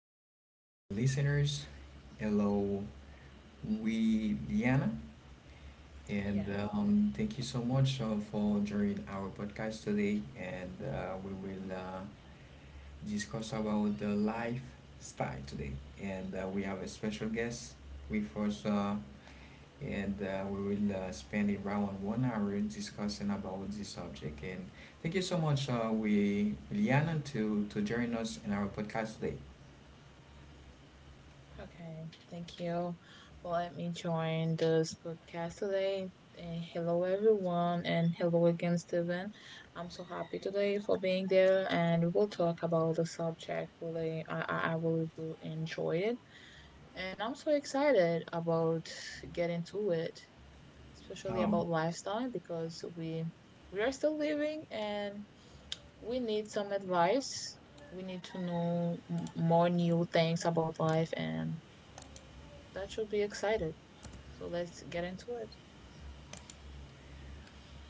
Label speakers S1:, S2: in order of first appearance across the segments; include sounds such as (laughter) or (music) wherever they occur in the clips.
S1: Hello, listeners. Hello, we Diana, and
S2: Yeah,
S1: um, thank you so much for joining our podcast today. And We will discuss about the lifestyle today. And We have a special guest with us, and we will spend around 1 hour discussing about this subject. And thank you so much, we Liana, to join us in our podcast today.
S2: okay. Thank you for letting me join this podcast today. And hello, everyone, and hello again, Steven. I'm so happy today for being there, and we will talk about the subject. Really, I will enjoy it, and I'm so excited about getting to it, especially
S1: Um,
S2: about lifestyle because we are still living, and we need some advice. We need to know more new things about life, and that should be excited. So let's get into it.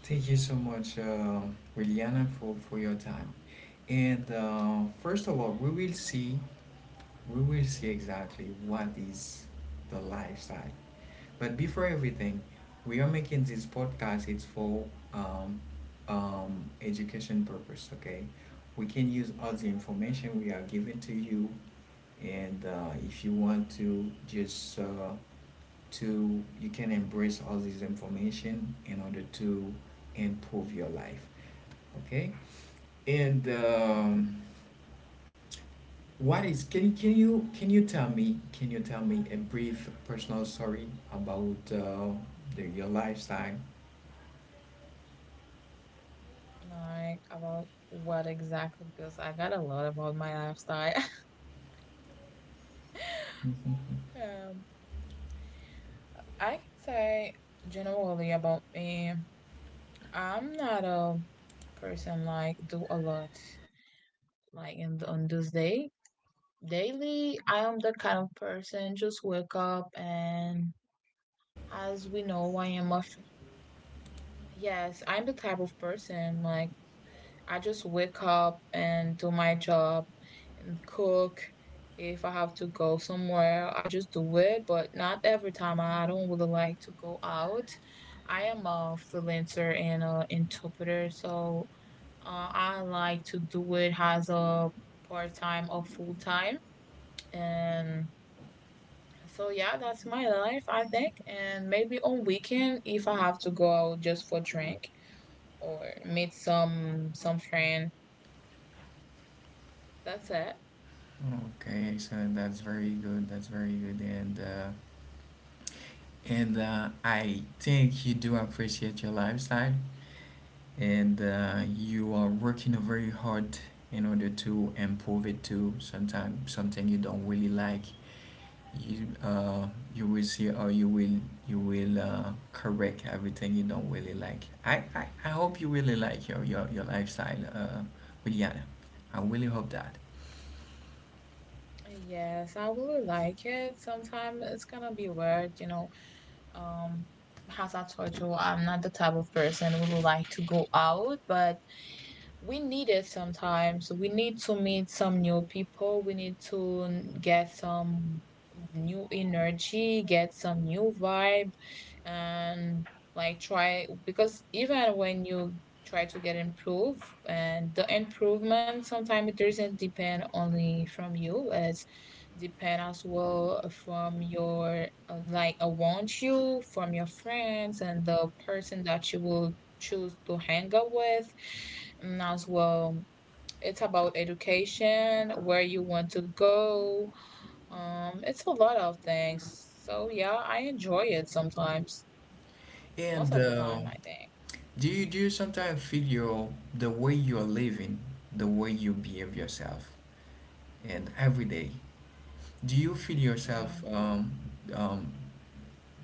S1: Thank you so much, Liliana, for your time. And First of all, we will see exactly what is the lifestyle. But before everything, we are making this podcast. It's for um, education purpose. Okay, we can use all the information we are giving to you, and if you want to, just to you can embrace all this information in order to improve your life. Okay. And
S2: Okay.
S1: what is can you tell me can you tell me a brief personal story about your lifestyle?
S2: Like about what exactly? Because I got a lot about my lifestyle. (laughs)
S1: Mhm.
S2: um, I can say generally about me. I'm not a person like do a lot like in on this day daily. I am the kind of person
S1: You
S2: just
S1: are not
S2: wake
S1: a
S2: up
S1: person.
S2: and as we know, I am yes. I'm the type of person like I just wake up and do my job and cook. If I have to go somewhere, I just do it, but not every time. I don't really like to go out. I am a freelancer and an interpreter, so I like to do it as a part time or full time. And so yeah, that's my life, I think. And maybe on weekend, if I have to go out just for drink or meet some friend, that's it.
S1: Okay, so that's very good. That's very good, and I think you do appreciate your lifestyle, and you are working very hard in order to improve it too. Sometimes something you don't really like you you will see or you will correct everything you don't really like. I hope you really like your lifestyle, Juliana. I really hope that.
S2: Yes, I would like it. Sometimes it's gonna be weird, you know. Um, as I told you, I'm not the type of person who would like to go out, but we need it sometimes. We need to meet some new people. We need to get some new energy, get some new vibe, and like try, because even when you try to get improved, and the improvement sometimes it doesn't depend only from you, it's depend as well from your like around you, from your friends and the person that you will choose to hang out with, and as well it's about education, where you want to go. Um, it's a lot of things, so yeah, I enjoy it sometimes, most
S1: And
S2: of the time, I think.
S1: Do you sometimes feel your the way you are living, the way you behave yourself, and every day? Do you feel
S2: Yeah.
S1: yourself? Um,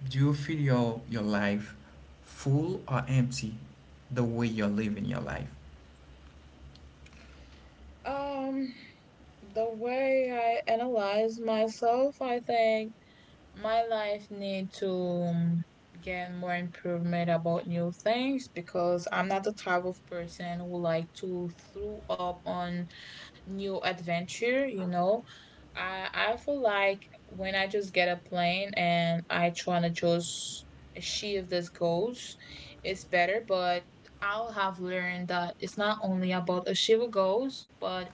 S1: do you feel your life full or empty? The way you're living your life.
S2: Um, the way I analyze myself, I think my life need to get more improvement about new things, because I'm not the type of person who like to throw up on new adventure, you know. I feel like when I just get a plane and I tryna just achieve these goals, it's better. But I'll have learned that it's not only about achieving goals, but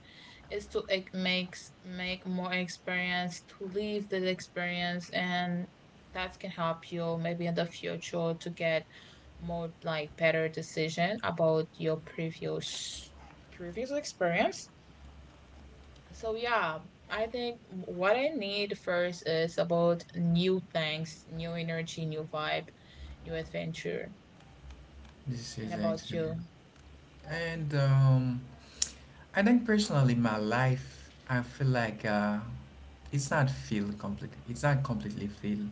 S2: is to like make more experience, to live this experience, and that can help you maybe in the future to get more like better decision about your previous experience. So yeah, I think what I need first is about new things, new energy, new vibe, new adventure.
S1: This
S2: And
S1: is
S2: about
S1: excellent.
S2: you?
S1: And I think personally, my life, I feel like it's not filled complete. It's not completely filled,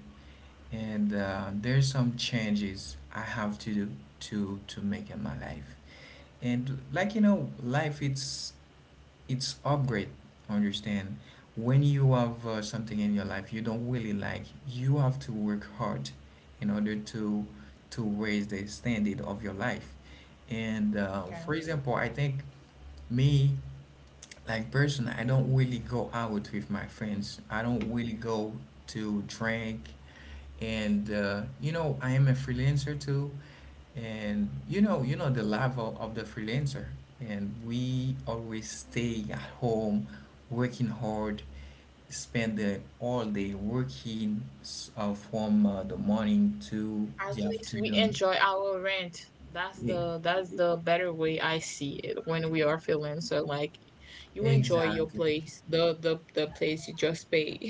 S1: and there's some changes I have to do to make in my life. And like you know, life it's upgrade. Understand? When you have something in your life you don't really like, you have to work hard in order to raise the standard of your life. And For
S2: Okay.
S1: example, I think me like person, I don't really go out with my friends, I don't really go to drink, and you know I am a freelancer too, and you know the level of the freelancer, and we always stay at home, working hard, spend the all day working from the morning to
S2: At
S1: the
S2: least we
S1: afternoon.
S2: enjoy our rent. That's
S1: Yeah.
S2: the better way I see it, when we are feeling so like you enjoy your
S1: Exactly.
S2: place, the place you just paid.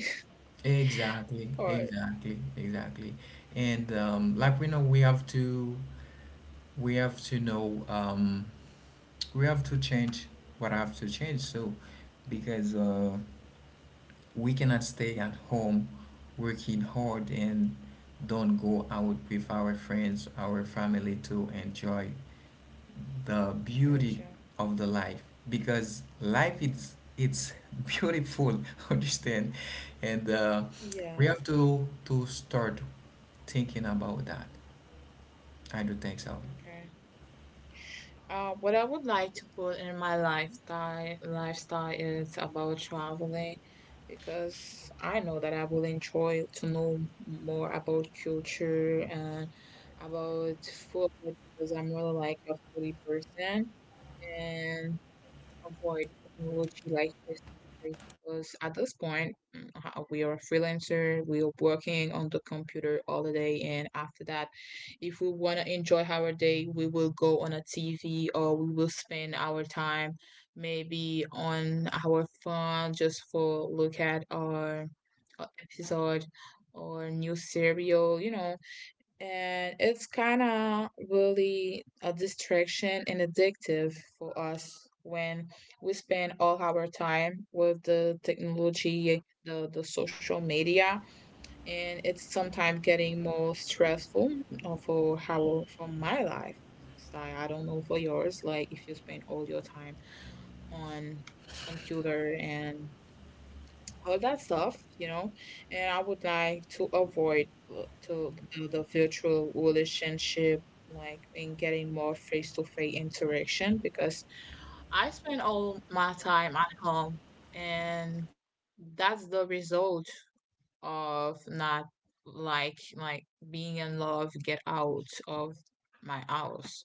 S2: (laughs) Or
S1: Exactly. And Like we know, we have to know, we have to change what have to change. So, because we cannot stay at home working hard and don't go out with our friends, our family, to enjoy the beauty
S2: gotcha.
S1: of the life. Because life is it's (laughs) beautiful, understand? And We
S2: Yeah.
S1: have to start thinking about that. I do think so.
S2: Okay. What I would like to put in my lifestyle is about traveling, because I know that I will enjoy to know more about culture and about food, because I'm really like a foodie person. And avoid technology, like face to face, because at this point we are a freelancer, we are working on the computer all the day, and after that, if we want to enjoy our day, we will go on a TV or we will spend our time maybe on our phone just for look at our episode or new serial, you know. And it's kind of really a distraction and addictive for us when we spend all our time with the technology, the social media. And it's sometimes getting more stressful, for how for my life style I don't know for yours, like if you spend all your time on computer and all that stuff, you know, and I would like to avoid, to the virtual relationship, like in getting more face-to-face interaction, because I spend all my time at home, and that's the result of not like being in love, get out of my house.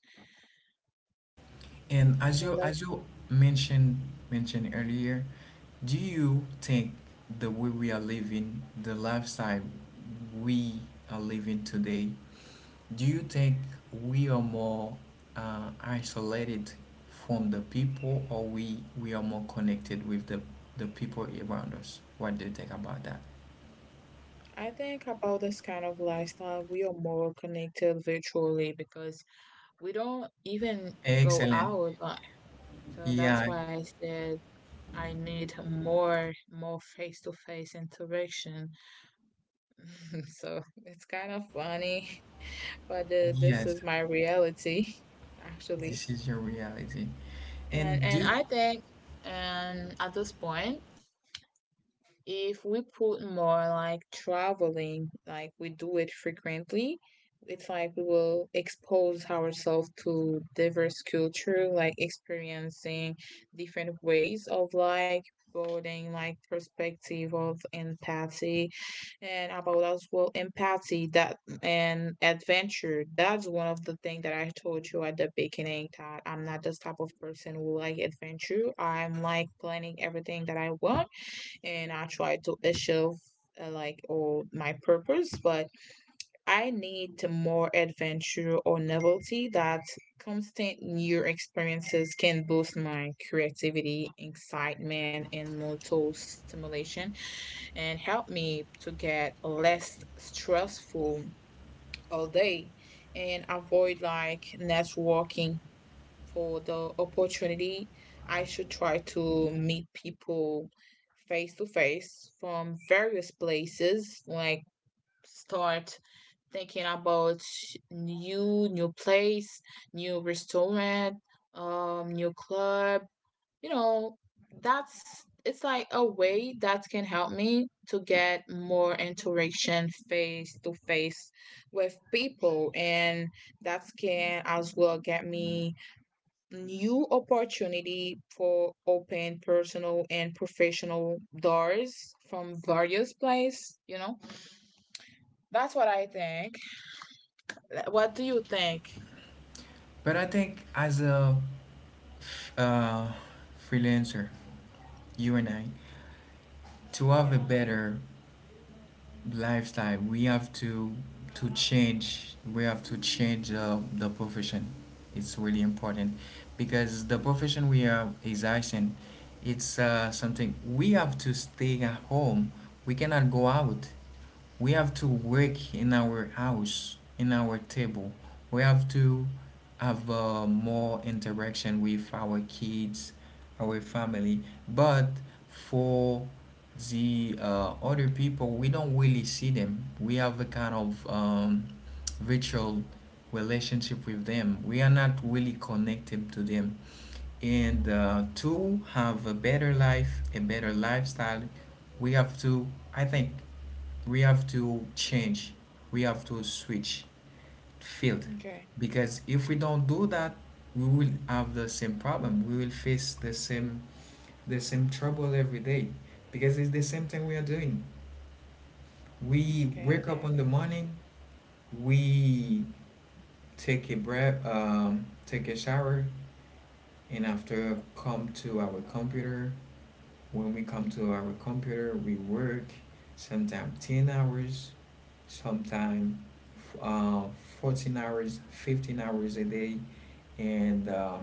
S1: And as you
S2: So that's
S1: as you mentioned mentioned earlier, do you think the way we are living, the lifestyle we are living today, do you think we are more isolated from the people, or we are more connected with the people around us? What do you think about that?
S2: I think about this kind of lifestyle, we are more connected virtually because we don't even go
S1: Excellent.
S2: out much. So that's
S1: Yeah,
S2: why I said I need more face-to-face interaction. (laughs) So it's kind of funny, but this
S1: yes,
S2: is my reality (laughs) actually.
S1: this is your reality.
S2: And
S1: And
S2: and
S1: do
S2: I think and at this point, if we put more like traveling, like we do it frequently, it's like we will expose ourselves to diverse culture, like experiencing different ways of like building like perspective of empathy, and about as well empathy that and adventure. That's one of the things that I told you at the beginning, that I'm not this type of person who like adventure. I'm like planning everything that I want and I try to achieve like all my purpose, but I need to more adventure or novelty, that constant new experiences can boost my creativity, excitement, and mental stimulation, and help me to get less stressful all day, and avoid like networking for the opportunity. I should try to meet people face to face from various places, like start thinking about new place, new restaurant, new club. You know, that's it's like a way that can help me to get more interaction face to face with people, and that can as well get me new opportunity for open personal and professional doors from various place, you know. That's what I think. What do you think?
S1: But I think as a uh, freelancer, you and I, to have a
S2: Yeah.
S1: better lifestyle, we have to change. We have to change the profession. It's really important because the profession we are exercising, it's something we have to stay at home. We cannot go out. We have to work in our house, in our table. We have to have more interaction with our kids, our family. But for the other people, we don't really see them. We have a kind of virtual relationship with them. We are not really connected to them. And To have a better life, a better lifestyle, we have to, I think, we have to change we have to switch field,
S2: Okay.
S1: because if we don't do that, we will have the same problem, we will face the same trouble every day, because it's the same thing we are doing. We wake
S2: Okay,
S1: up
S2: I
S1: in the morning,
S2: got
S1: we take a breath, take a shower, and after come to our computer. When we come to our computer, we work sometimes 10 hours, sometimes uh, 14 hours, 15 hours a day, and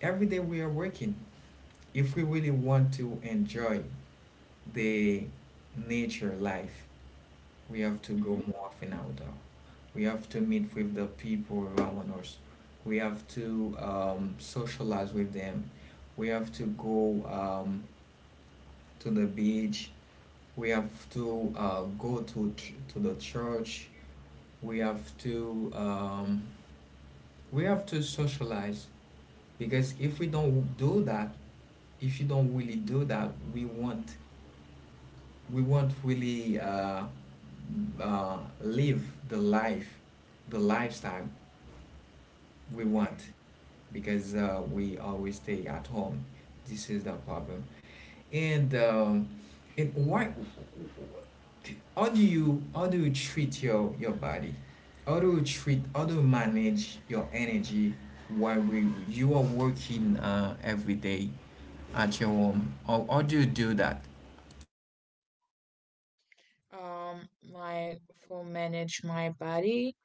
S1: every day we are working. If we really want to enjoy the nature life, we have to
S2: you.
S1: go
S2: Hmm.
S1: more often outdoor. We have to meet with the people around us. We have to socialize with them. We have to go um, to the beach. We have to to the church. We have to um, we have to socialize, because if we don't do that, if you don't really do that, we won't really live the life, the lifestyle we want,
S2: Okay.
S1: because we always stay at home. This is the problem. And um, and why how do you treat your body? How do you manage your energy while you are working every day at your home? How do you do that?
S2: Um, like for manage my body,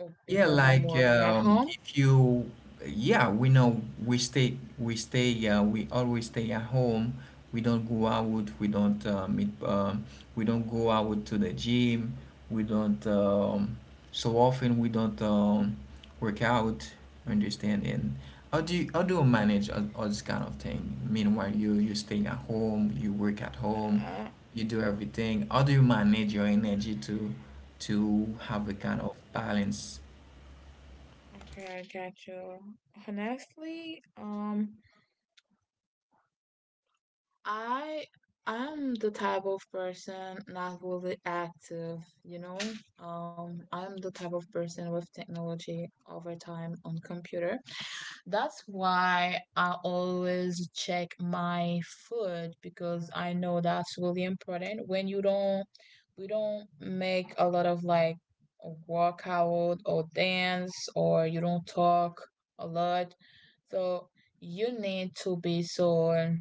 S2: oh,
S1: Yeah,
S2: because I'm
S1: like
S2: working at home.
S1: if you, yeah, we know we always stay at home. We don't go out. We don't meet. We don't go out to the gym. We don't. So often we don't work out. Understand? And how do you manage all this kind of thing? Meanwhile, you stay at home. You work at home.
S2: Uh,
S1: You do everything. How do you manage your energy to have a kind of balance?
S2: okay, I get you. Honestly, I I'm the type of person not really active, you know. I'm the type of person with technology over time on computer. That's why I always check my food, because I know that's really important. When you don't, we don't make a lot of like workout or dance, or you don't talk a lot. So you need to be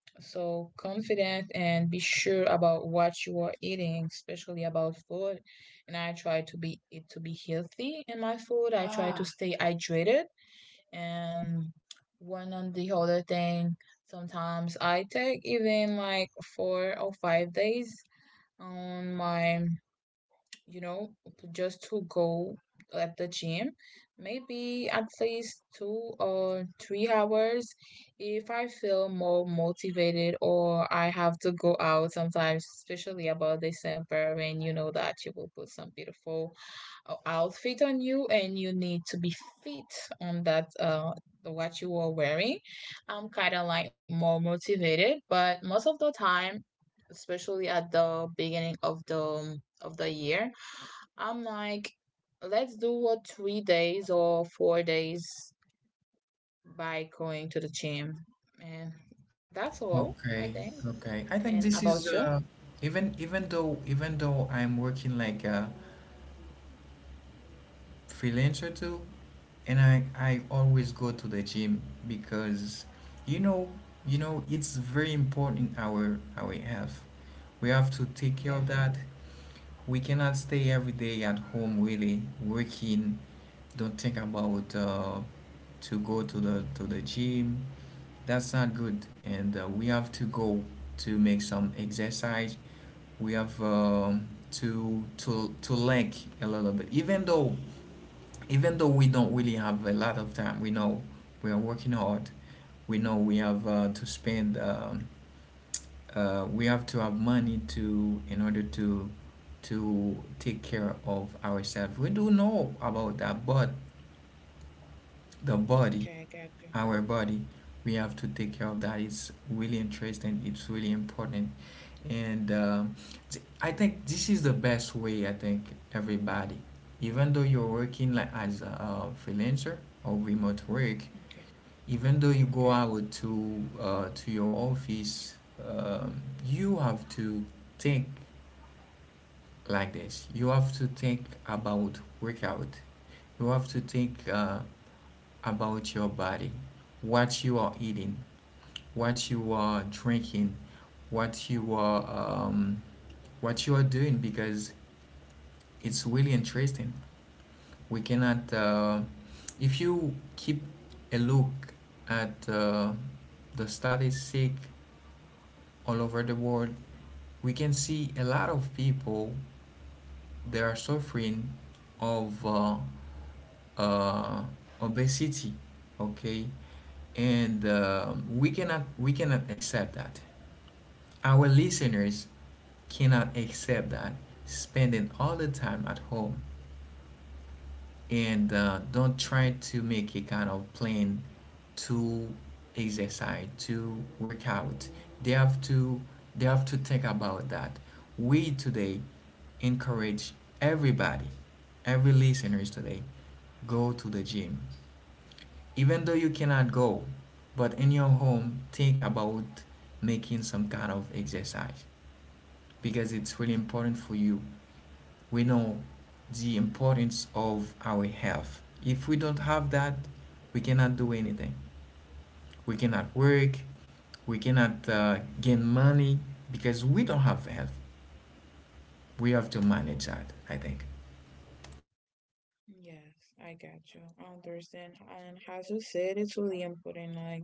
S2: so confident and be sure about what you are eating, especially about food. And I try to be it to be healthy in my food. I try to, yeah, stay hydrated. And one on the other thing, sometimes I take even like 4 or 5 days on my, you know, just to go at the gym. Maybe at least 2 or 3 hours, if I feel more motivated or I have to go out sometimes, especially about December, when you know that you will put some beautiful outfit on you, and you need to be fit on that what you are wearing. I'm kind of like more motivated, but most of the time, especially at the beginning of the year, I'm like let's do a 3 days or 4 days by going to the gym. And that's all I
S1: Okay,
S2: think.
S1: okay. I think
S2: And
S1: this
S2: about
S1: is
S2: you?
S1: uh, even even though I'm working like a freelancer too, and I always go to the gym because you know you know it's very important our health. We have to take care of
S2: Yeah.
S1: that. We cannot stay every day at home really working. Don't think about to go to the gym. That's not good, and we have to go to make some exercise. We have to link a little bit. Even though we don't really have a lot of time, we know we are working hard. We know we have to spend. We have to have money to in order to take care of ourselves. We do know about that, but the body
S2: Okay, I got you.
S1: our body, we have to take care of that. It's really interesting, it's really important, and I think this is the best way. I think everybody, even though you're working like as a freelancer or remote work,
S2: Okay.
S1: even though you go
S2: Okay.
S1: out to your office, um, you have to think like this. You have to think about workout. You have to think about your body, what you are eating, what you are drinking, what you are um, what you are doing, because it's really interesting. We cannot if you keep a look at the statistics all over the world, we can see a lot of people, they are suffering of uh, obesity. Okay, and we cannot accept that. Our listeners cannot accept that, spending all the time at home and don't try to make a kind of plan to exercise, to work out. They have to they have to think about that. We today encourage everybody, every listeners today, go to the gym. Even though you cannot go, but in your home, think about making some kind of exercise, because it's really important for you. We know the importance of our health. If we don't have that, we cannot do anything. We cannot work. We cannot gain money because we don't have health. We have to manage that, I think.
S2: Yes, I got you. I understand. And as you said, it's really important, like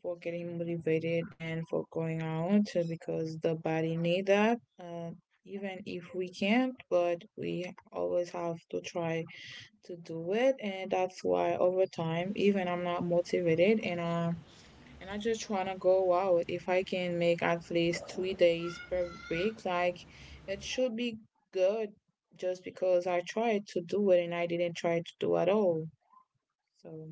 S2: for getting motivated and for going out, too, because the body need that. Even if we can't, but we always have to try to do it, and that's why over time, even I'm not motivated, and I just want to go out. If I can make at least 3 days per week, like, it should be good, just because I tried to do it and I didn't try to do at all. So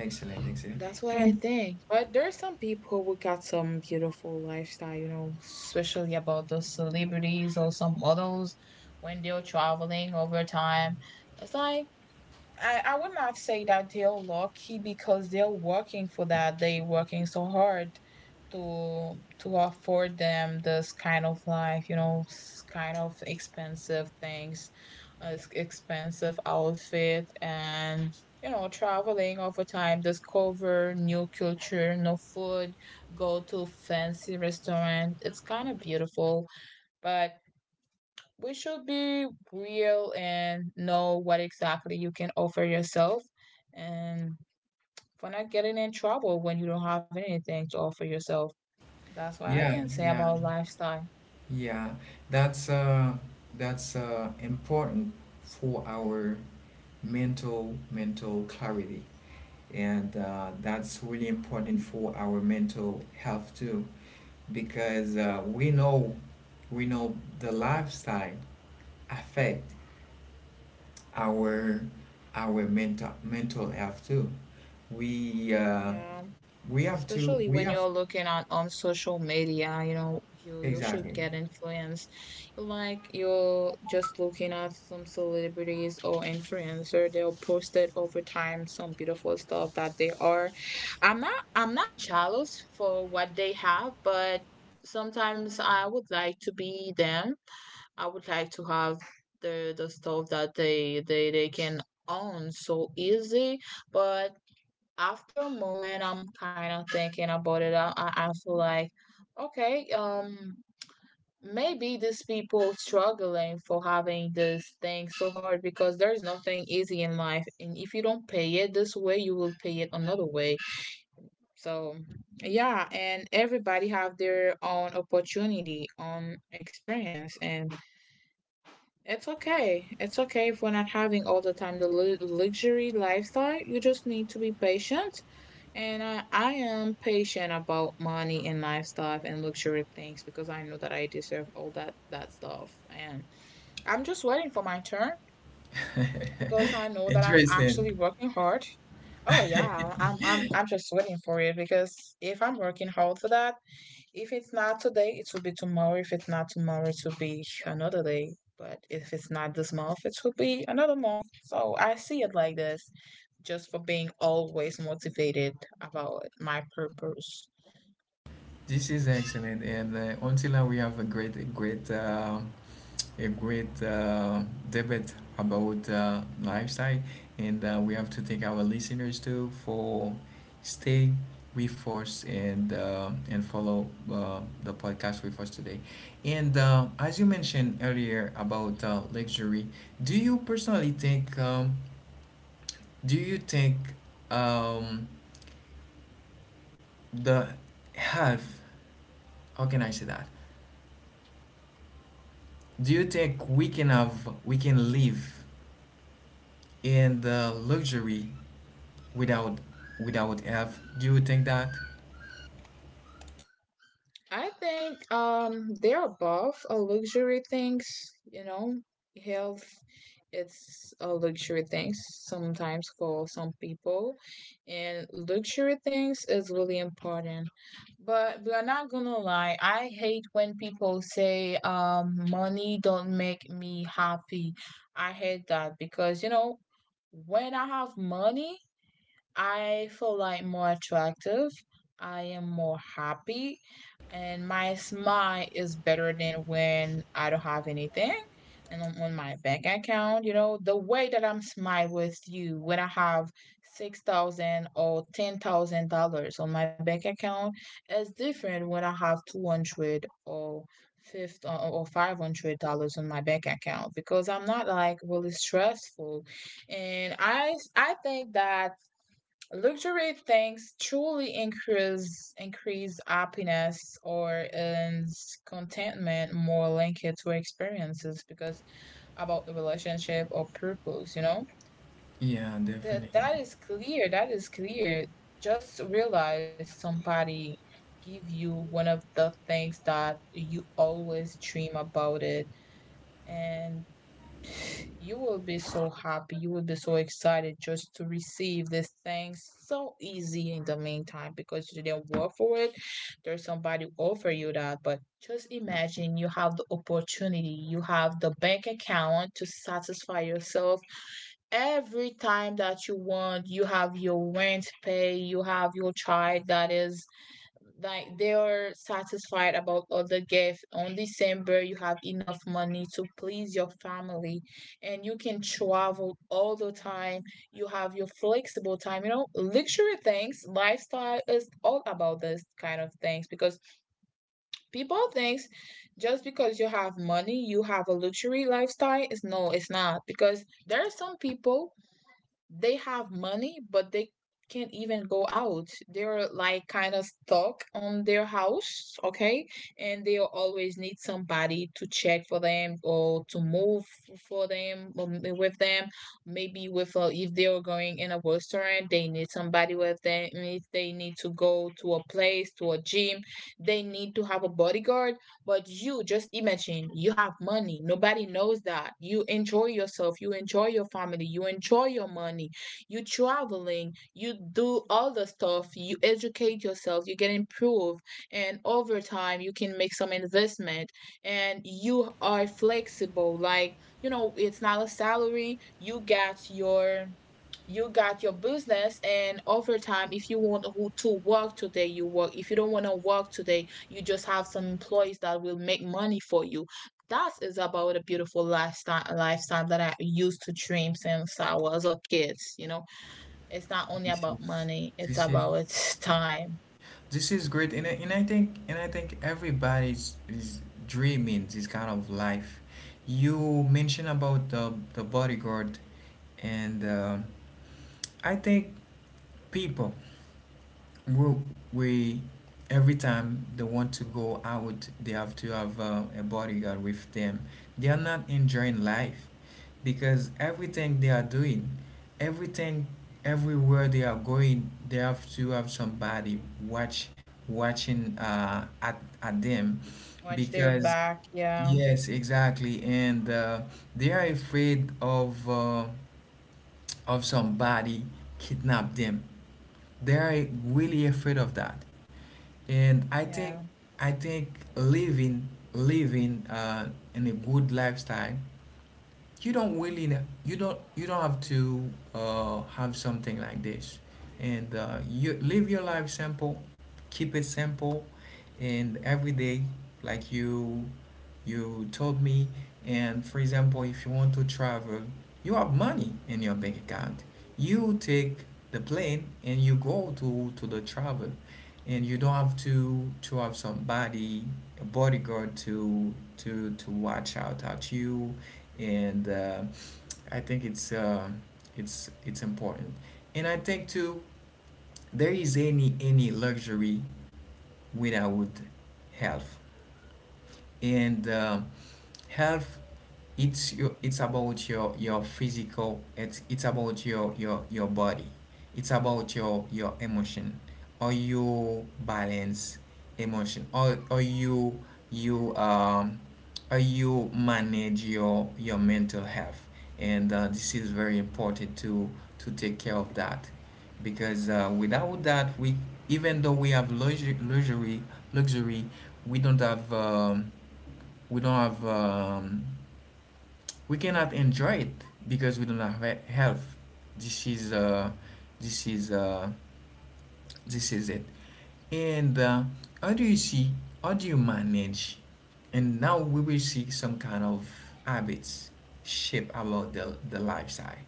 S1: Excellent, excellent.
S2: that's what I
S1: And
S2: think. But there's some people who got some beautiful lifestyle, you know, especially about the celebrities or some models, when they're traveling over time. It's like I would not say that they're lucky, because they're working for that. They're working so hard to afford them this kind of life, you know, kind of expensive things, expensive outfit, and you know, traveling all the time, discover new culture, new food, go to fancy restaurant. It's kind of beautiful, but we should be real and know what exactly you can offer yourself, and for not getting in trouble when you don't have anything to offer yourself. That's what I
S1: yeah,
S2: can say
S1: yeah,
S2: about lifestyle.
S1: yeah. That's uh, that's important for our mental clarity. And That's really important for our mental health too, because we know the lifestyle affect our our mental health too. We uh,
S2: Yeah.
S1: we have to
S2: Especially
S1: we
S2: when
S1: have
S2: you're looking at on social media, you know, you should
S1: Exactly.
S2: get influenced. Like, you're just looking at some celebrities or influencer, they'll post it over time some beautiful stuff that they are. I'm not jealous for what they have, but sometimes I would like to be them. I would like to have the stuff that they can own so easy. But after a moment, I'm kind of thinking about it. I feel like, okay, maybe these people struggling for having this thing so hard because there's nothing easy in life, and if you don't pay it this way, you will pay it another way. So yeah, and everybody have their own opportunity, own experience, and it's okay. It's okay if we're not having all the time the luxury lifestyle. You just need to be patient. And I am patient about money and lifestyle and luxury things because I know that I deserve all that stuff. And I'm just waiting for my turn because I know that I'm
S1: Interesting.
S2: actually working hard. Oh yeah, I'm just waiting for it because if I'm working hard for that, if it's not today, it will be tomorrow. If it's not tomorrow, it will be another day. But if it's not this month, it will be another month. So I see it like this, just for being always motivated about my purpose.
S1: This is excellent, and until now we have a great a great debate about lifestyle, and we have to thank our listeners too for stay with us, and and follow the podcast with us today. And As you mentioned earlier about luxury, do you personally think do you think um, the health? How can I say that? Do you think we can live in the luxury without without F. Do you think that?
S2: I think they're both a luxury things, you know. Health, it's a luxury things sometimes for some people, and luxury things is really important. But we are not gonna lie, I hate when people say money don't make me happy. I hate that because, you know, when I have money, I feel like more attractive. I am more happy, and my smile is better than when I don't have anything. And on my bank account, you know, the way that I'm smile with you when I have $6,000 or $10,000 on my bank account is different when I have 200 or fifth or $500 on my bank account, because I'm not like really stressful. And I think that luxury things truly increase happiness or earns contentment more linked to experiences, because about the relationship or purpose, you know?
S1: Yeah,
S2: That
S1: definitely.
S2: that is clear, that is clear. Just realize somebody give you one of the things that you always dream about it, and you will be so happy. You will be so excited just to receive these things so easy in the meantime because you didn't work for it. There's somebody offer you that, but just imagine you have the opportunity, you have the bank account to satisfy yourself every time that you want. You have your rent pay, you have your child that is like they are satisfied about all the gifts. On December, you have enough money to please your family, and you can travel all the time. You have your flexible time. You know, luxury things lifestyle is all about this kind of things, because people thinks just because you have money you have a luxury lifestyle, it's no, it's not, because there are some people, they have money, but they can't even go out. They're like kind of stuck on their house, okay? And they always need somebody to check for them or to move for them, with them. Maybe with if they are going in a restaurant, they need somebody with them. If they need to go to a place, to a gym, they need to have a bodyguard. But you just imagine you have money. Nobody knows that. You enjoy yourself, you enjoy your family, you enjoy your money, you traveling, you do all the stuff, you educate yourself, you get improved, and over time you can make some investment, and you are flexible. Like, you know, it's not a salary, you got your business, and over time, if you want to work today, you work. If you don't want to work today, you just have some employees that will make money for you. That is about a beautiful lifestyle that I used to dream since I was a kid. You know, it's not only about money, it's
S1: This is
S2: about time.
S1: this is great, and I think everybody's is dreaming this kind of life. You mentioned about the bodyguard, and I think people we, we every time they want to go out they have to have a bodyguard with them. They are not enjoying life because everything they are doing, everything everywhere they are going they have to have somebody watch watching at them,
S2: Watch their
S1: because…
S2: back, yeah.
S1: Yes, exactly. And they are afraid of somebody kidnap them. They are really afraid of that, and I think
S2: Yeah.
S1: I think living in a good lifestyle, you don't have to have something like this. And you live your life simple, keep it simple, and every day, like you told me, and for example, if you want to travel, you have money in your bank account, you take the plane and you go to the travel. And you don't have to have somebody, a bodyguard, to watch out at you. And I think it's important. And I think too, there is any luxury without health. And health, it's about your physical, it's about your body, it's about your emotion, or you balance emotion or you or you manage your mental health. And this is very important, to take care of that, because without that, we even though we have luxury, we don't have um, we don't have we cannot enjoy it because we don't have health. This is uh, this is uh, this is it. And how do you see? How do you manage? And now we will see some kind of habits shape about the lifestyle.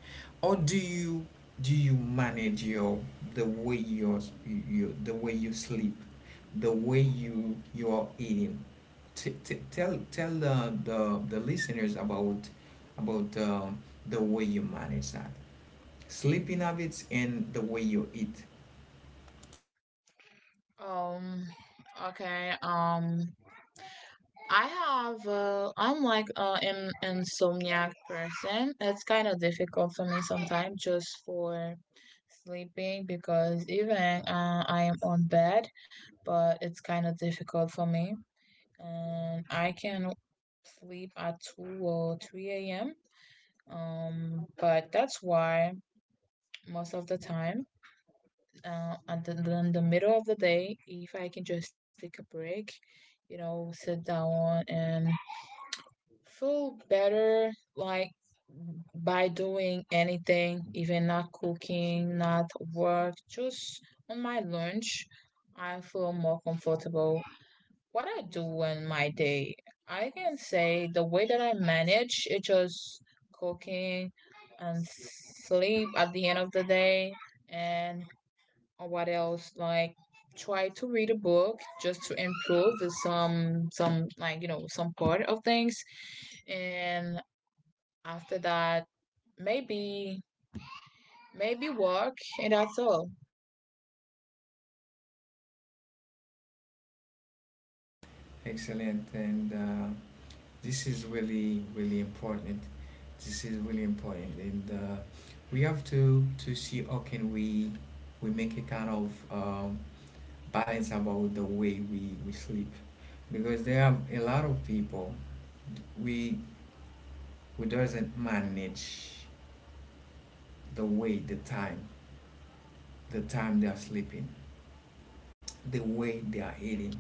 S1: How do you manage your the way your, you the way you sleep, the way you are eating? Tell the listeners about about um, the way you manage that, sleeping habits and the way you eat.
S2: Um okay, I have, I'm like an insomniac person. It's kind of difficult for me sometimes just for sleeping, because even I am on bed, but it's kind of difficult for me. I can sleep at 2 or 3 a.m. But that's why most of the time, uh, at the, in the middle of the day, if I can just take a break, you know, sit down and feel better, like, by doing anything, even not cooking, not work, just on my lunch, I feel more comfortable. What I do in my day, I can say the way that I manage it, just cooking and sleep at the end of the day, and or what else? Like, try to read a book just to improve some like, you know, some part of things, and after that, maybe maybe work, and that's all.
S1: Excellent. And this is really really important. This is really important. And we have to see how can we make a kind of balance about the way we sleep, because there are a lot of people we we doesn't manage the way the time the time they are sleeping, the way they are eating.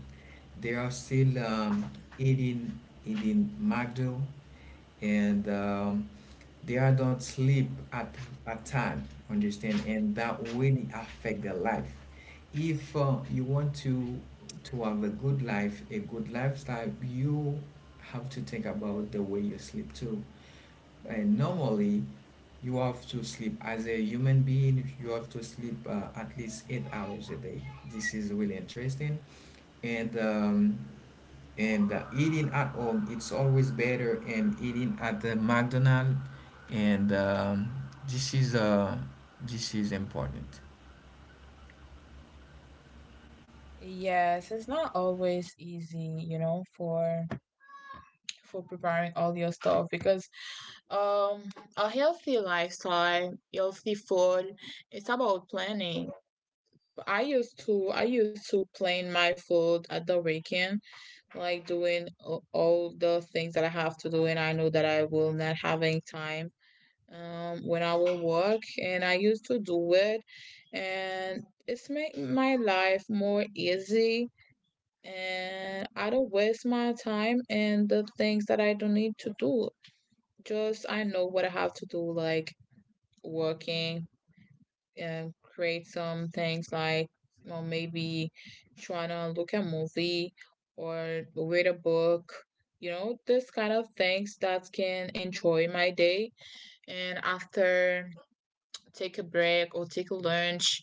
S1: They are still eating eating McDo, and they are don't sleep at a time. Understand? And that really affect their life. If you want to have a good life, a good lifestyle, you have to think about the way you sleep too. And normally, you have to sleep as a human being. You have to sleep at least 8 hours a day. This is really interesting. And um, and eating at home, it's always better than eating at the McDonald's. And this is uh, this is important.
S2: Yes, it's not always easy, you know, for preparing all your stuff, because um a healthy lifestyle, healthy food, it's about planning. I used to plan my food at the weekend, like doing all the things that I have to do, and I know that I will not having time when I will work. And I used to do it, and it's make my life more easy. And I don't waste my time and the things that I don't need to do. Just I know what I have to do, like working, create some things like, or maybe trying to look at a movie or read a book, you know, this kind of things that can enjoy my day, and after, take a break or take a lunch,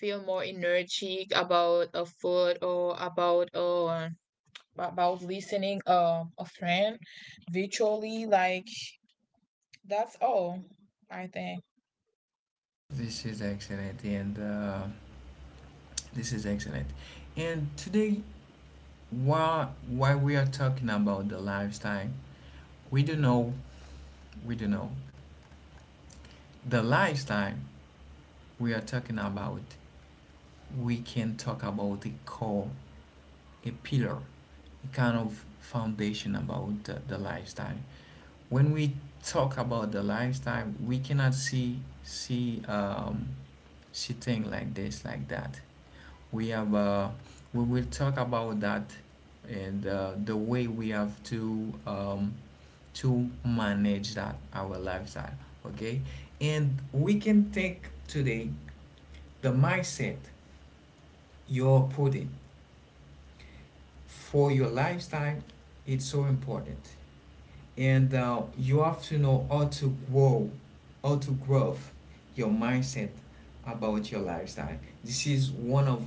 S2: feel more energetic about a food, or about listening a friend virtually, like, that's all, I think.
S1: This is excellent, and this is excellent. And today, why we are talking about the lifestyle, we do know we do know the lifestyle we are talking about, we can talk about a core, a pillar, a kind of foundation about the lifestyle. When we talk about the lifestyle, we cannot see thing like this, like that. We have uh, we will talk about that, and the way we have to manage that, our lifestyle. Okay, and we can take today the mindset you're putting for your lifestyle. It's so important, and you have to know how to grow your mindset about your lifestyle. This is one of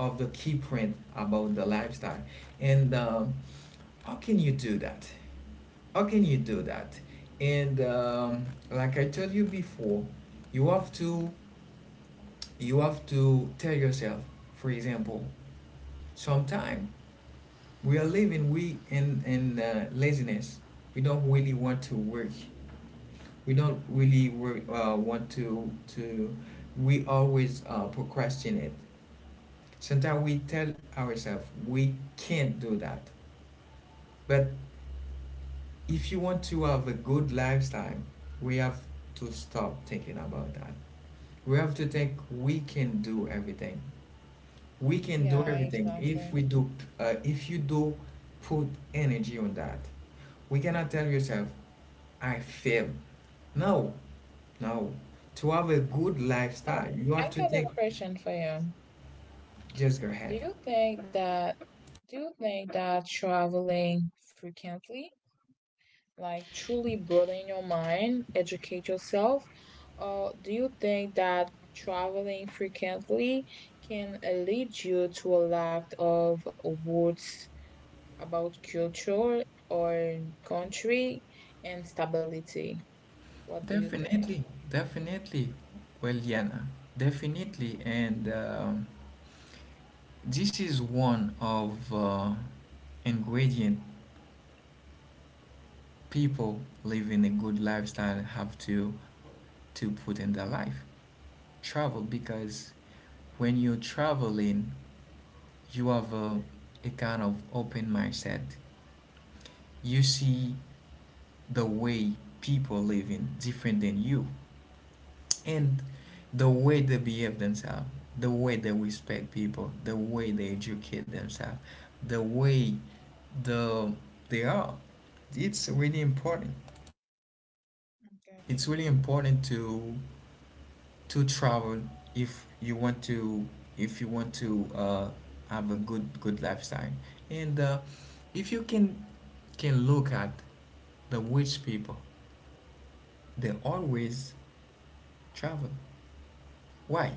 S1: of the key print about the lifestyle. And how can you do that how can you do that. And like I told you before, you have to you have to tell yourself, for example, sometime we are living we in laziness, we don't really want to work, we don't really work, want to we always procrastinate. Sometimes we tell ourselves we can't do that. But if you want to have a good lifestyle, we have to stop thinking about that. We have to think we can do everything, we can do
S2: Yeah,
S1: everything if
S2: exactly.
S1: we do uh, if you do put energy on that. We cannot tell yourself I fail. No, no. To have a good
S2: Oh,
S1: lifestyle, you have
S2: I
S1: to
S2: got
S1: take…
S2: a question for you.
S1: Just go
S2: Do
S1: ahead.
S2: you think that do you think that traveling frequently, like, truly broaden your mind, educate yourself, or do you think that traveling frequently can lead you to a lack of words about culture or country and stability? What do you think?
S1: Definitely, definitely. Well, Yana, definitely. And this is one of ingredient people living a good lifestyle have to put in their life. Travel, because when you're traveling, you have a kind of open mindset. You see the way people live in different than you, and the way they behave themselves, the way they respect people, the way they educate themselves, the way the they are, it's really important. It's
S2: Gotcha.
S1: really important to travel. If you want to, if you want to uh, have a good lifestyle. And if you can look at the rich people, they always travel. Why?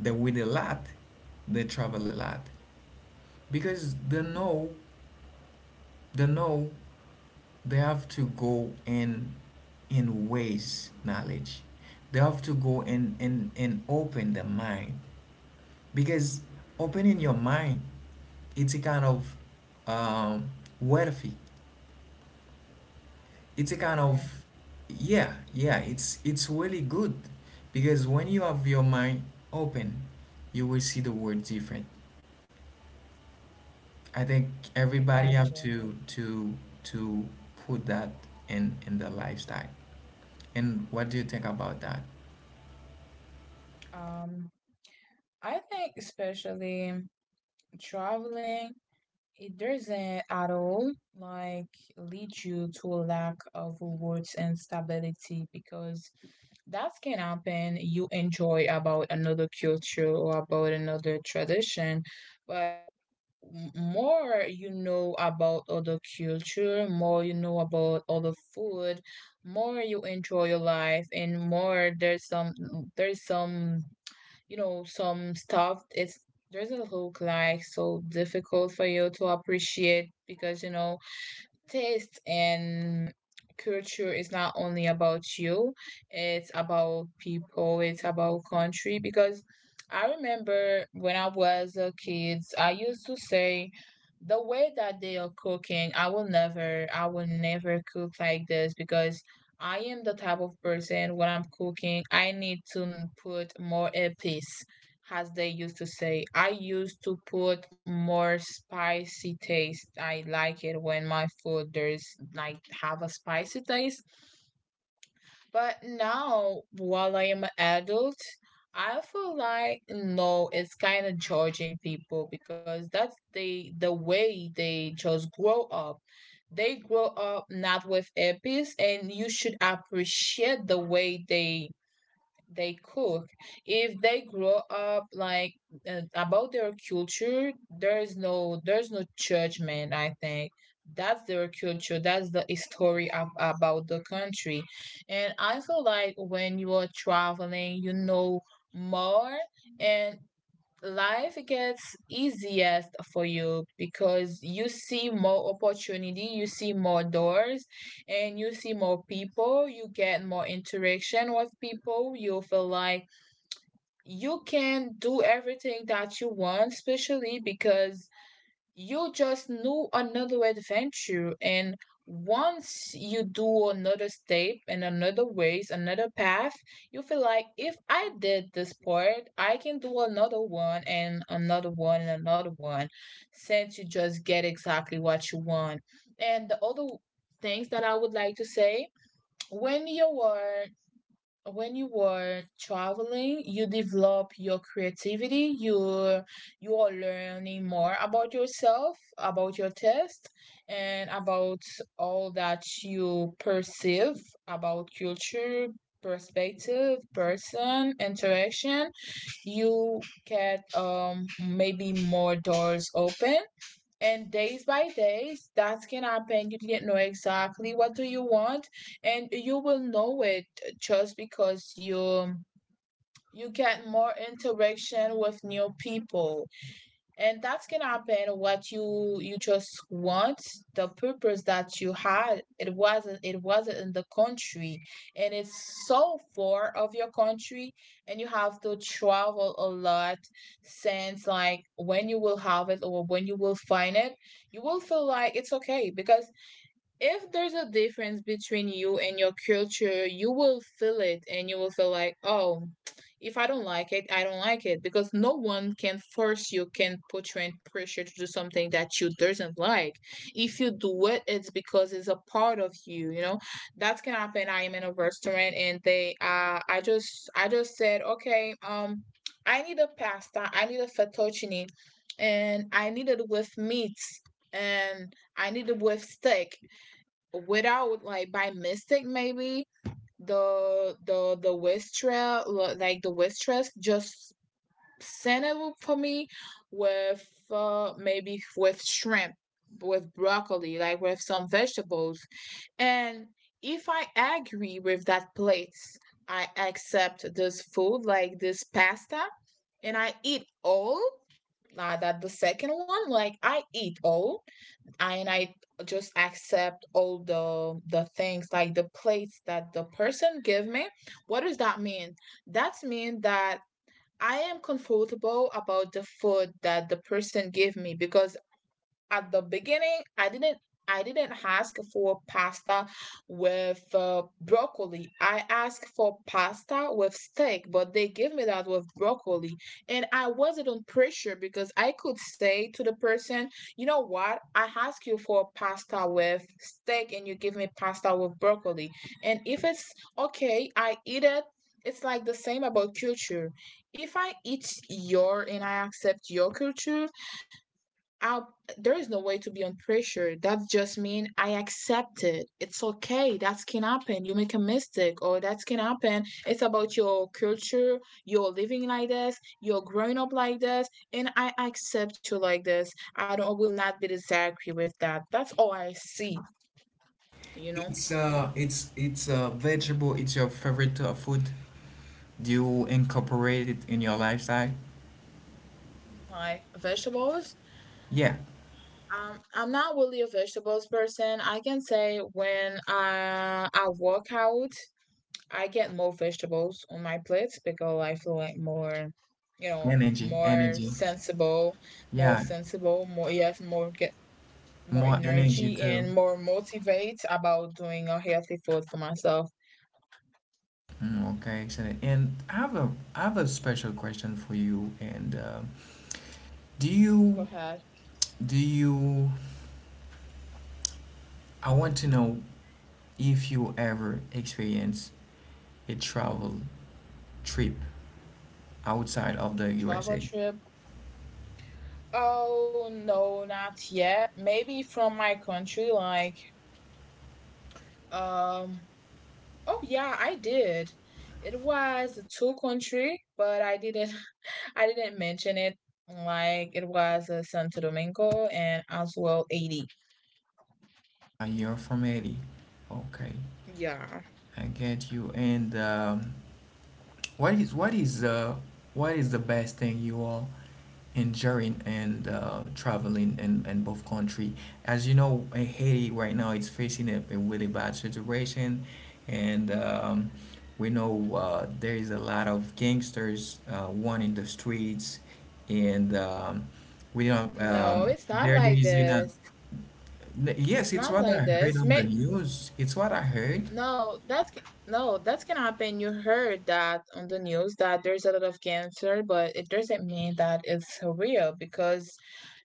S1: They win a lot, they travel a lot, because they know they have to go and waste knowledge. They have to go and open the mind, because opening your mind, it's a kind of um, wealthy. It's a kind
S2: Okay,
S1: of… Yeah, yeah, it's really good, because when you have your mind open, you will see the world different. I think
S2: I
S1: everybody have
S2: gotcha.
S1: to put that in their lifestyle. And what do you think about that?
S2: Um, I think, especially, traveling, it doesn't at all, like, lead you to a lack of rewards and stability, because that can happen, you enjoy about another culture or about another tradition. But more you know about other culture, more you know about other food, more you enjoy your life, and more there's some, there's some you know, some stuff, it's does a look like so difficult for you to appreciate, because, you know, taste and culture is not only about you, it's about people, it's about country. Because I remember when I was a kid, I used to say the way that they are cooking, I will never cook like this, because I am the type of person, when I'm cooking, I need to put more earpiece, as they used to say. I used to put more spicy taste. I like it when my food there's like have a spicy taste. But now while I am an adult, I feel like, no, it's kind of judging people, because that's the way they just grow up. They grow up not with a, and you should appreciate the way they cook. If they grow up like about their culture, there is no, there's no judgment. I think that's their culture. That's the story of, about the country, and I feel like when you are traveling, you know more, and life gets easiest for you, because you see more opportunity, you see more doors, and you see more people, you get more interaction with people, you feel like you can do everything that you want, especially because you just know another adventure. And once you do another step and another ways, another path, you feel like, if I did this part, I can do another one, and another one, and another one, since you just get exactly what you want. And the other things that I would like to say, when you are when you were traveling, you develop your creativity, you are learning more about yourself, about your taste, and about all that you perceive about culture, perspective, person, interaction, you get, maybe more doors open. And days by days, that can happen you didn't know exactly what do you want, and you will know it, just because you get more interaction with new people. And that can happen what you just want, the purpose that you had, it wasn't in the country, and it's so far of your country, and you have to travel a lot, since, like, when you will have it or when you will find it, you will feel like it's okay, because if there's a difference between you and your culture, you will feel it, and you will feel like, oh, if I don't like it, I don't like it, because no one can force you, can put you in pressure to do something that you doesn't like. If you do it, it's because it's a part of you, you know. That can happen. I am in a restaurant and they I just said, okay, I need a pasta, I need a fettuccine, and I need it with meats, and I need it with steak, without like by mistake maybe the waitress, like the waitress just sent it for me with maybe with shrimp, with broccoli, like with some vegetables. And if I agree with that place, I accept this food, like this pasta, and I eat all. Now that the second one, like I eat all, and I just accept all the things, like the plates that the person give me. What does that mean? That means that I am comfortable about the food that the person gave me because at the beginning I didn't ask for pasta with broccoli. I asked for pasta with steak, but they gave me that with broccoli. And I wasn't on pressure because I could say to the person, you know what, I asked you for pasta with steak and you give me pasta with broccoli. And if it's okay, I eat it. It's like the same about culture. If I eat your and I accept your culture, I'll, there is no way to be under pressure. That just mean I accept it. It's okay. That can happen. You make a mistake, or that can happen. It's about your culture. You're living like this. You're growing up like this, and I accept you like this. I don't will not be disagree with that. That's all I see. You know,
S1: It's a vegetable. It's your favorite food. Do you incorporate it in your lifestyle?
S2: like vegetables.
S1: Yeah,
S2: I'm not really a vegetables person. I can say when I work out, I get more vegetables on my plate because I feel like more, you know,
S1: energy,
S2: more
S1: energy.
S2: sensible, more
S1: Yeah,
S2: sensible, more yes, more get more
S1: more energy
S2: energy
S1: too.
S2: and more motivate about doing a healthy food for myself.
S1: Mm, okay, excellent. And I have a special question for you. And do
S2: Go
S1: you
S2: ahead.
S1: do you? I want to know if you ever experience a travel trip outside of the
S2: Travel
S1: USA.
S2: trip? Oh no, not yet. Maybe from my country, like um. Oh yeah, I did. It was a tour country, but I didn't mention it, like it was Santo Domingo and as well 80.
S1: You're from Haiti. Okay,
S2: Yeah.
S1: I get you. And what is what is uh, what is the best thing you all enjoying and traveling in both country? As you know, Haiti right now it's facing a really bad situation, and we know there is a lot of gangsters one in the streets, and we don't,
S2: No, it's not
S1: there there
S2: like
S1: is in a…
S2: this. It's
S1: Yes, it's
S2: not
S1: what I
S2: like
S1: heard
S2: this.
S1: on the news. It's what I heard.
S2: No, that's, no, that's can happen. You heard that on the news that there's a lot of cancer, but it doesn't mean that it's real because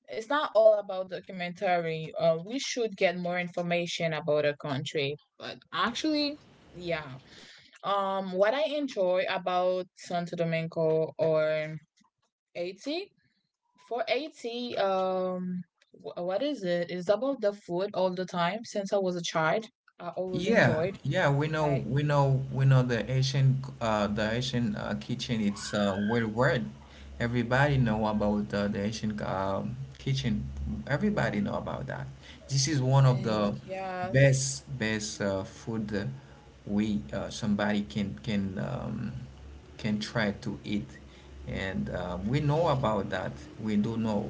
S2: it's not all about documentary. We should get more information about a country, but actually, yeah. What I enjoy about Santo Domingo or Haiti, for Haiti, what is it? It's about the food all the time. Since I was a child, I always
S1: Yeah,
S2: enjoyed,
S1: yeah, we know,
S2: like
S1: we know, we know the Asian kitchen. It's worldwide. Everybody know about the Asian kitchen. Everybody know about that. This is one of
S2: uh,
S1: the
S2: yes,
S1: best, best food, we somebody can try to eat, and we know about that. We do know.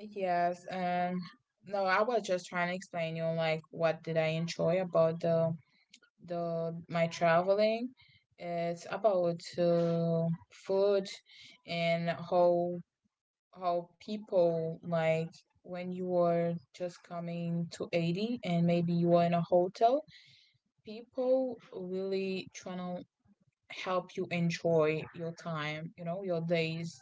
S2: yes. No, I was just trying to explain you like what did I enjoy about the my traveling. It's about food, and how people like when you were just coming to 80 and maybe you were in a hotel, people really trying to help you enjoy your time, you know, your days.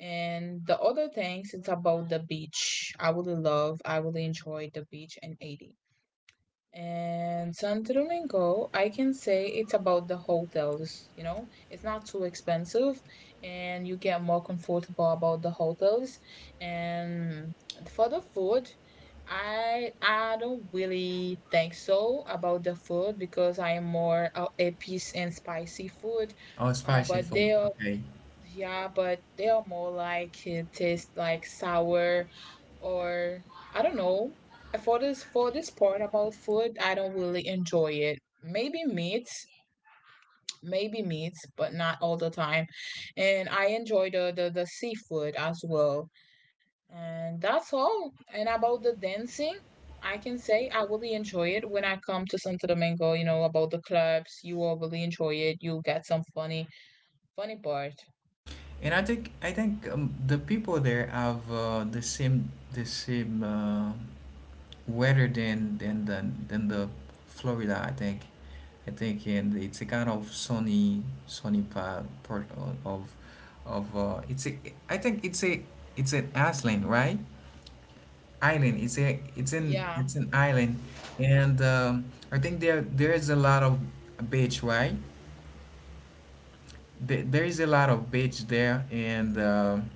S2: And the other things, it's about the beach. I really love, I really enjoy the beach in 80. And Santo Domingo, I can say it's about the hotels, you know, it's not too expensive and you get more comfortable about the hotels. And for the food, I don't really think so about the food because I am more a piece and spicy food.
S1: Oh, spicy
S2: But
S1: food.
S2: there,
S1: Okay.
S2: yeah, but they are more like it tastes like sour, or I don't know. For this, for this part about food, I don't really enjoy it. Maybe meats, maybe meats, but not all the time. And I enjoy the seafood as well. And that's all. And about the dancing, I can say I really enjoy it when I come to Santo Domingo, you know, about the clubs, you will really enjoy it. You get some funny funny part.
S1: And I think the people there have the same weather than the Florida. I think and it's a kind of sunny part of of it's a I think it's an island, right? Island, it's a it's an
S2: Yeah.
S1: it's an island. And I think there is a lot of beach right there. There is a lot of beach there. And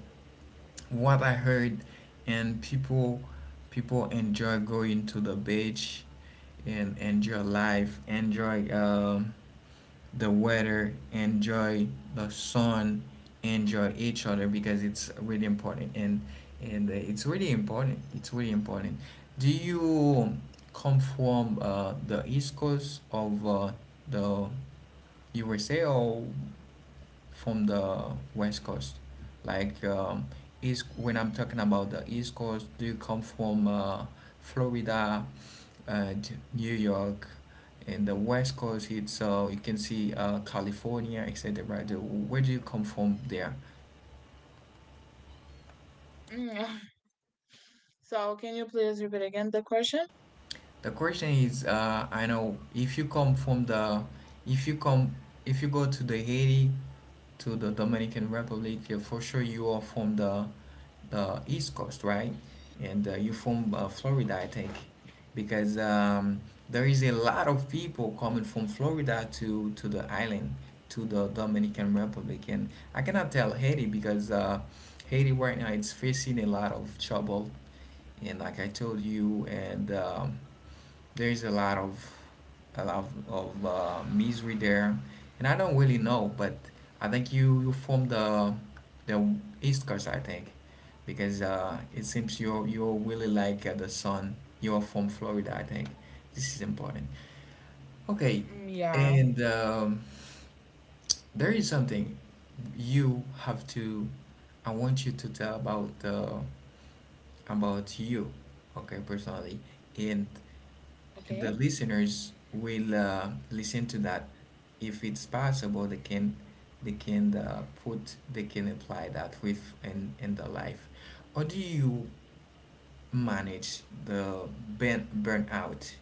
S1: what I heard, and people enjoy going to the beach and enjoy life, enjoy the weather, enjoy the sun, enjoy each other, because it's really important, and it's really important. It's really important. Do you come from the East Coast of the USA, or from the West Coast? Like East, when I'm talking about the East Coast, do you come from Florida and New York? And the West Coast, it's you can see California, etc. Where do you come from there?
S2: Mm. (laughs) So, can you please repeat again the question?
S1: The question is, I know if you come from the, if you come, if you go to the Haiti, to the Dominican Republic, yeah, for sure you are from the East Coast, right? And you from Florida, I think, because there is a lot of people coming from Florida to the island, to the Dominican Republic. And I cannot tell Haiti, because Haiti right now it's facing a lot of trouble, and like I told you. And there's a lot of a lot misery there, and I don't really know, but I think you from the the East Coast, I think, because it seems you're really like the sun. You are from Florida, I think. This is important. Okay,
S2: Mm, yeah.
S1: and there is something you have to. I want you to tell about you, okay, personally, and the
S2: Okay.
S1: listeners will listen to that if it's possible they can apply that with in the life. How do you manage the burnout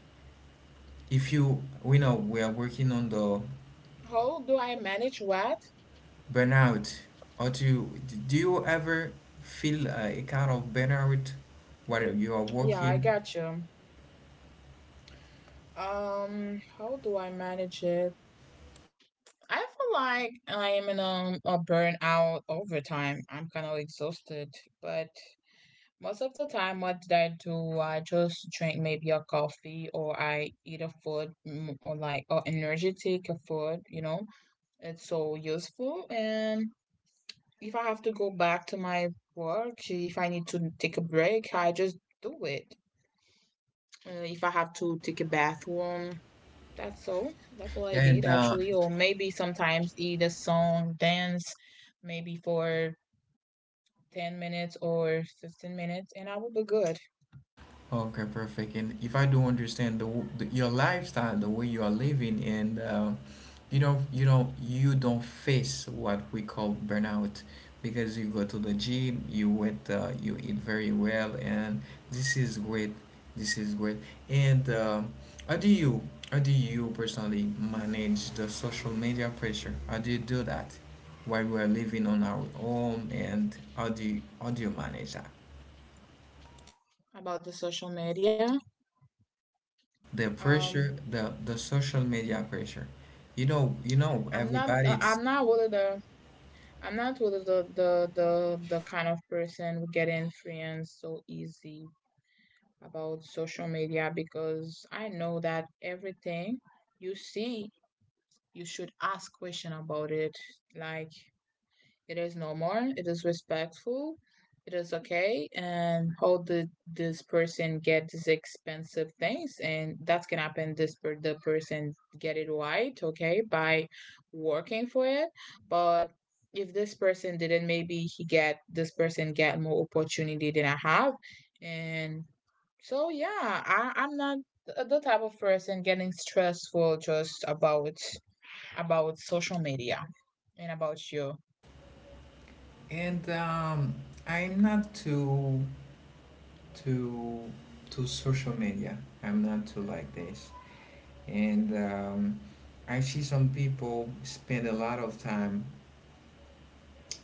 S1: if you we know we are working on the
S2: How do I manage what?
S1: burnout? Or do you ever feel a kind of burnout while you are
S2: Yeah, I
S1: working?
S2: got you. How do I manage it? I feel like I am in a burnout over time. I'm kind of exhausted, but most of the time, what did I do? I just drink maybe a coffee or I eat a food, mm, or like a energetic food, you know? It's so useful. And if I have to go back to my work, if I need to take a break, I just do it. If I have to take a bathroom, that's all. That's all I
S1: Yeah,
S2: did
S1: and
S2: actually. Or maybe sometimes eat a song, dance, maybe for 10 minutes or 15 minutes, and I will be good.
S1: okay, perfect. And if I do understand the, the your lifestyle, the way you are living, and you don't face what we call burnout, because you go to the gym, you wait, you eat very well, and this is great. This is great. And how do you how do you personally manage the social media pressure? How do you do that while we are living on our home, and how do you manage that?
S2: About the social media,
S1: The
S2: um,
S1: pressure, the social media pressure, you know
S2: I'm not.
S1: everybody's.
S2: I'm not really the. I'm not really the kind of person who get in friends so easy. About social media, because I know that everything you see, you should ask question about it. Like, it is normal, it is respectful, it is okay, and how did this person get these expensive things? And that can happen. The person get it right, okay, by working for it, but if this person didn't, maybe he get, this person get more opportunity than I have. And so yeah, I'm not the type of person getting stressful just about social media. And about you?
S1: And I'm not too too social media, I'm not too like this. And I see some people spend a lot of time,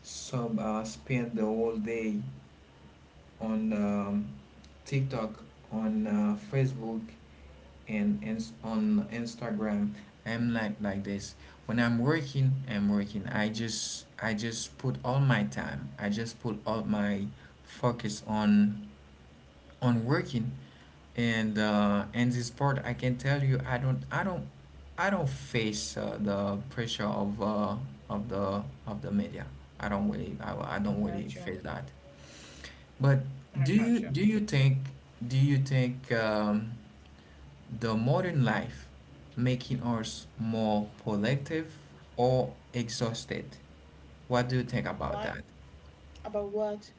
S1: some spend the whole day on TikTok, on Facebook, and on Instagram. I'm like this. When I'm working I'm working, I just put all my time, I just put all my focus on working. And and this part I can tell you I don't face the pressure of the media. I
S2: I
S1: don't really
S2: got you.
S1: face that. But
S2: I
S1: do you
S2: got you.
S1: do you think, do you think the modern life making us more productive or exhausted? What do you think about
S2: What
S1: that?
S2: about what?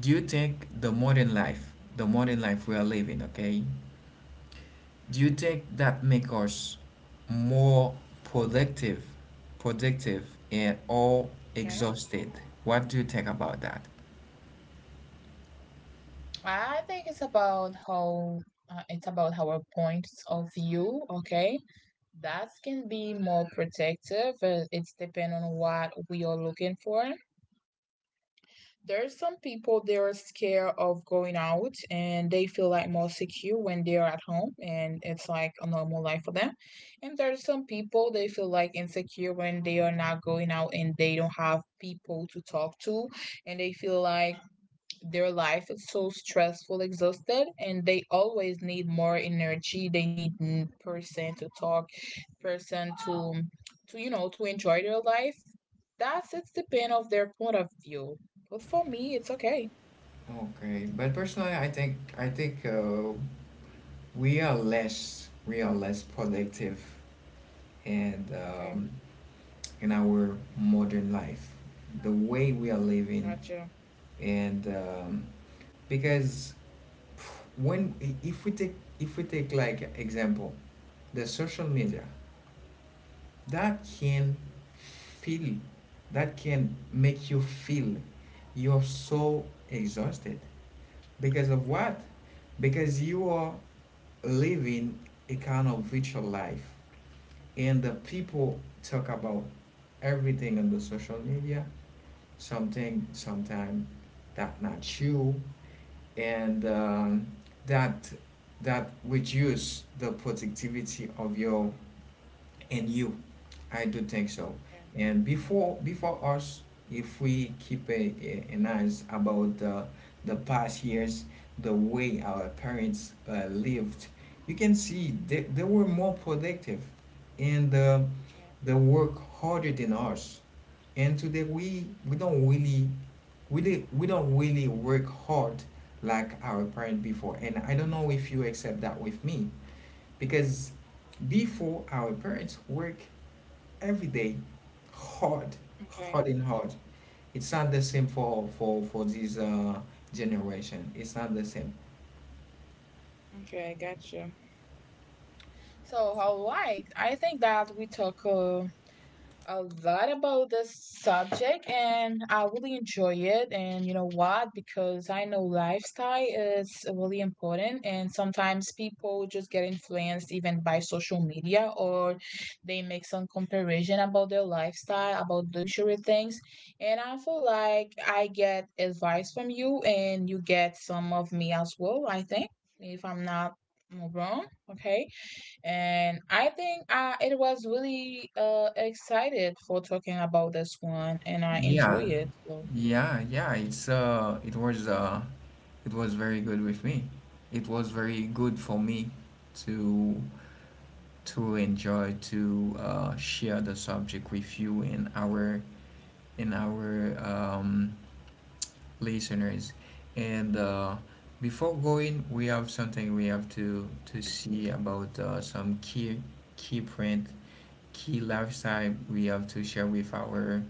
S1: Do you think the modern life we are living, okay, do
S2: Hmm.
S1: you think that make us more productive, productive and or
S2: Okay.
S1: exhausted? What do you think about that?
S2: I think it's about how, it's about our points of view. Okay, that can be more protective. It's depend on what we are looking for. There's some people, they are scared of going out and they feel like more secure when they are at home, and it's like a normal life for them. And there's some people, they feel like insecure when they are not going out and they don't have people to talk to, and they feel like their life is so stressful, exhausted, and they always need more energy. They need, mm, person to talk, person to you know, to enjoy their life. That's, it's depend of their point of view. But for me, it's okay.
S1: Okay, but personally I think we are less productive. And
S2: Okay,
S1: in our modern life, the way we are living,
S2: gotcha.
S1: and because when if we take, if we take like example the social media, that can feel that can make you feel you're so exhausted. Because of what? Because you are living a kind of virtual life, and the people talk about everything on the social media, something sometime that not you. And that that reduce the productivity of your and you. I do think so.
S2: Okay,
S1: And before us, if we keep an eyes about the past years, the way our parents lived, you can see they were more productive. And they work harder than us, and today we don't really, we we don't really work hard like our parent before. And I don't know if you accept that with me, because before our parents work every day, hard,
S2: okay, okay,
S1: hard and hard. It's not the same for this generation, it's not the same.
S2: okay, gotcha. So, all right, I think that we talk. A lot about this subject and I really enjoy it. And you know what? Because I know lifestyle is really important, and sometimes people just get influenced even by social media, or they make some comparison about their lifestyle, about luxury things. And I feel like I get advice from you, and you get some of me as well, I think, if I'm not wrong. Okay. And I think I it was really excited for talking about this one and I
S1: Yeah,
S2: enjoy it. So
S1: yeah, it was it was very good with me, it was very good for me to to enjoy to share the subject with you in our listeners. And before going, we have something we have to see about some key print key lifestyle we have to share with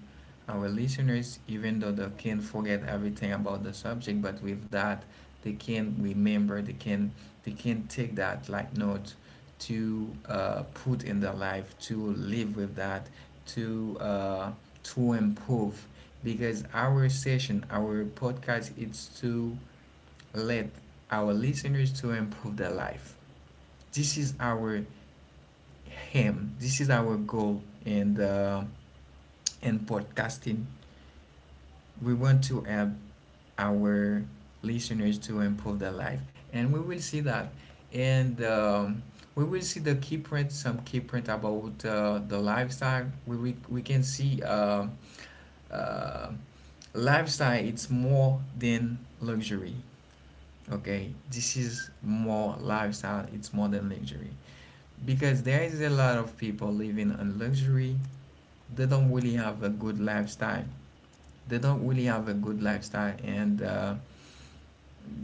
S1: our listeners, even though they can not forget everything about the subject, but with that they can remember, they can take that like note to put in their life, to live with that, to uh, to improve. Because our session, our podcast, it's to let our listeners to improve their life. This is our aim. This is our goal, and podcasting. We want to help our listeners to improve their life, and we will see that. And we will see the key print, some key print about the lifestyle. We, we can see uh, lifestyle. It's more than luxury. Okay, this is more lifestyle. It's more than luxury because there is a lot of people living on luxury. They don't really have a good lifestyle they don't really have a good lifestyle. And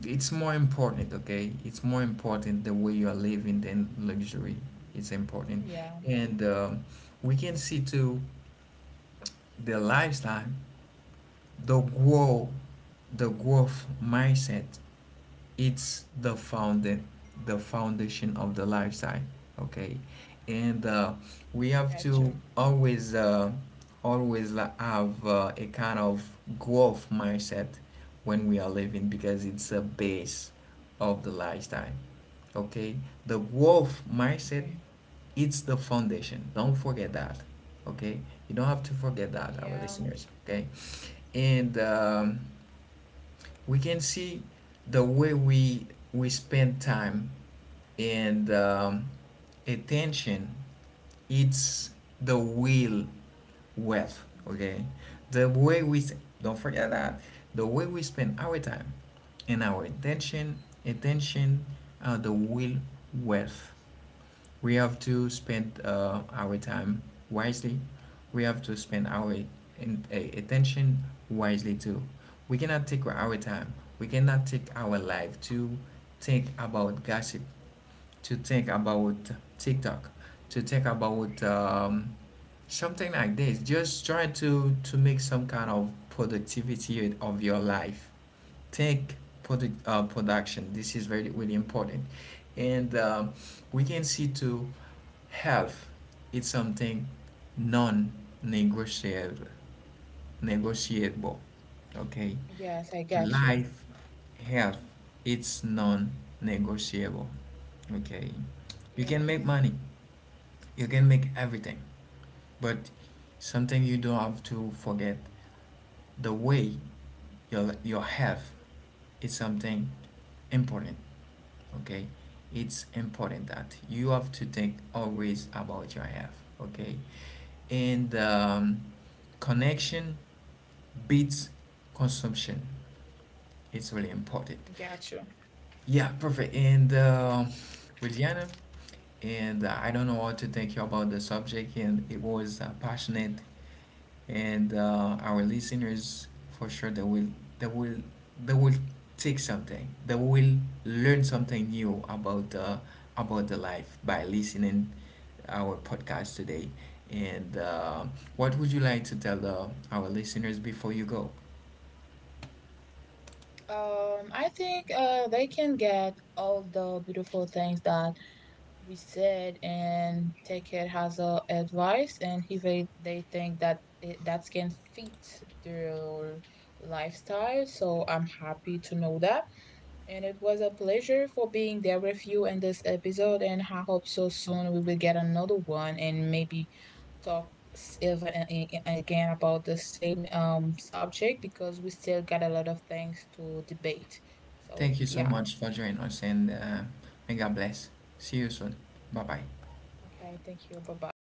S1: it's more important, okay, it's more important the way you are living than luxury. It's important.
S2: yeah,
S1: And we can see too, the lifestyle, the grow the growth mindset, it's the founding the foundation of the lifestyle, okay. And we have
S2: got you.
S1: to always always have a kind of growth mindset when we are living, because it's a base of the lifestyle, okay. The growth mindset,
S2: Okay.
S1: it's the foundation. Don't forget that, okay. You don't have to forget that, our
S2: Yeah.
S1: listeners, okay. And we can see the way we spend time and attention. It's the will wealth, okay. The way we, don't forget that, the way we spend our time and our attention, attention are the will wealth. We have to spend our time wisely. We have to spend our in, attention wisely too. We cannot take our time, we cannot take our life to think about gossip, to think about TikTok, to think about something like this. Just try to make some kind of productivity of your life. Think production. This is very really important. And we can see too, health is something non-negotiable. Negotiable, okay?
S2: Yes, I got you.
S1: Life, health, it's non-negotiable, okay? You can make
S2: Yes.
S1: money, you can make everything, but something you don't have to forget, the way your health is something important, okay? It's important that you have to think always about your health, okay? And connection beats consumption. It's really important.
S2: Got you.
S1: Yeah, perfect. And Virginia, and I don't know what to thank you about the subject, and it was passionate. And our listeners, for sure they will they will take something. They will learn something new about the life by listening our podcast today. And what would you like to tell our listeners before you go?
S2: I think they can get all the beautiful things that we said and take it as a advice, and if they, they think that it, that can fit their lifestyle. So I'm happy to know that. And it was a pleasure for being there with you in this episode. And I hope so soon we will get another one and maybe talk even again about the same subject because we still got a lot of things to debate. So
S1: Thank you so
S2: yeah.
S1: much for joining us, and may God bless. See you soon. Bye bye.
S2: Okay. Thank you. Bye bye.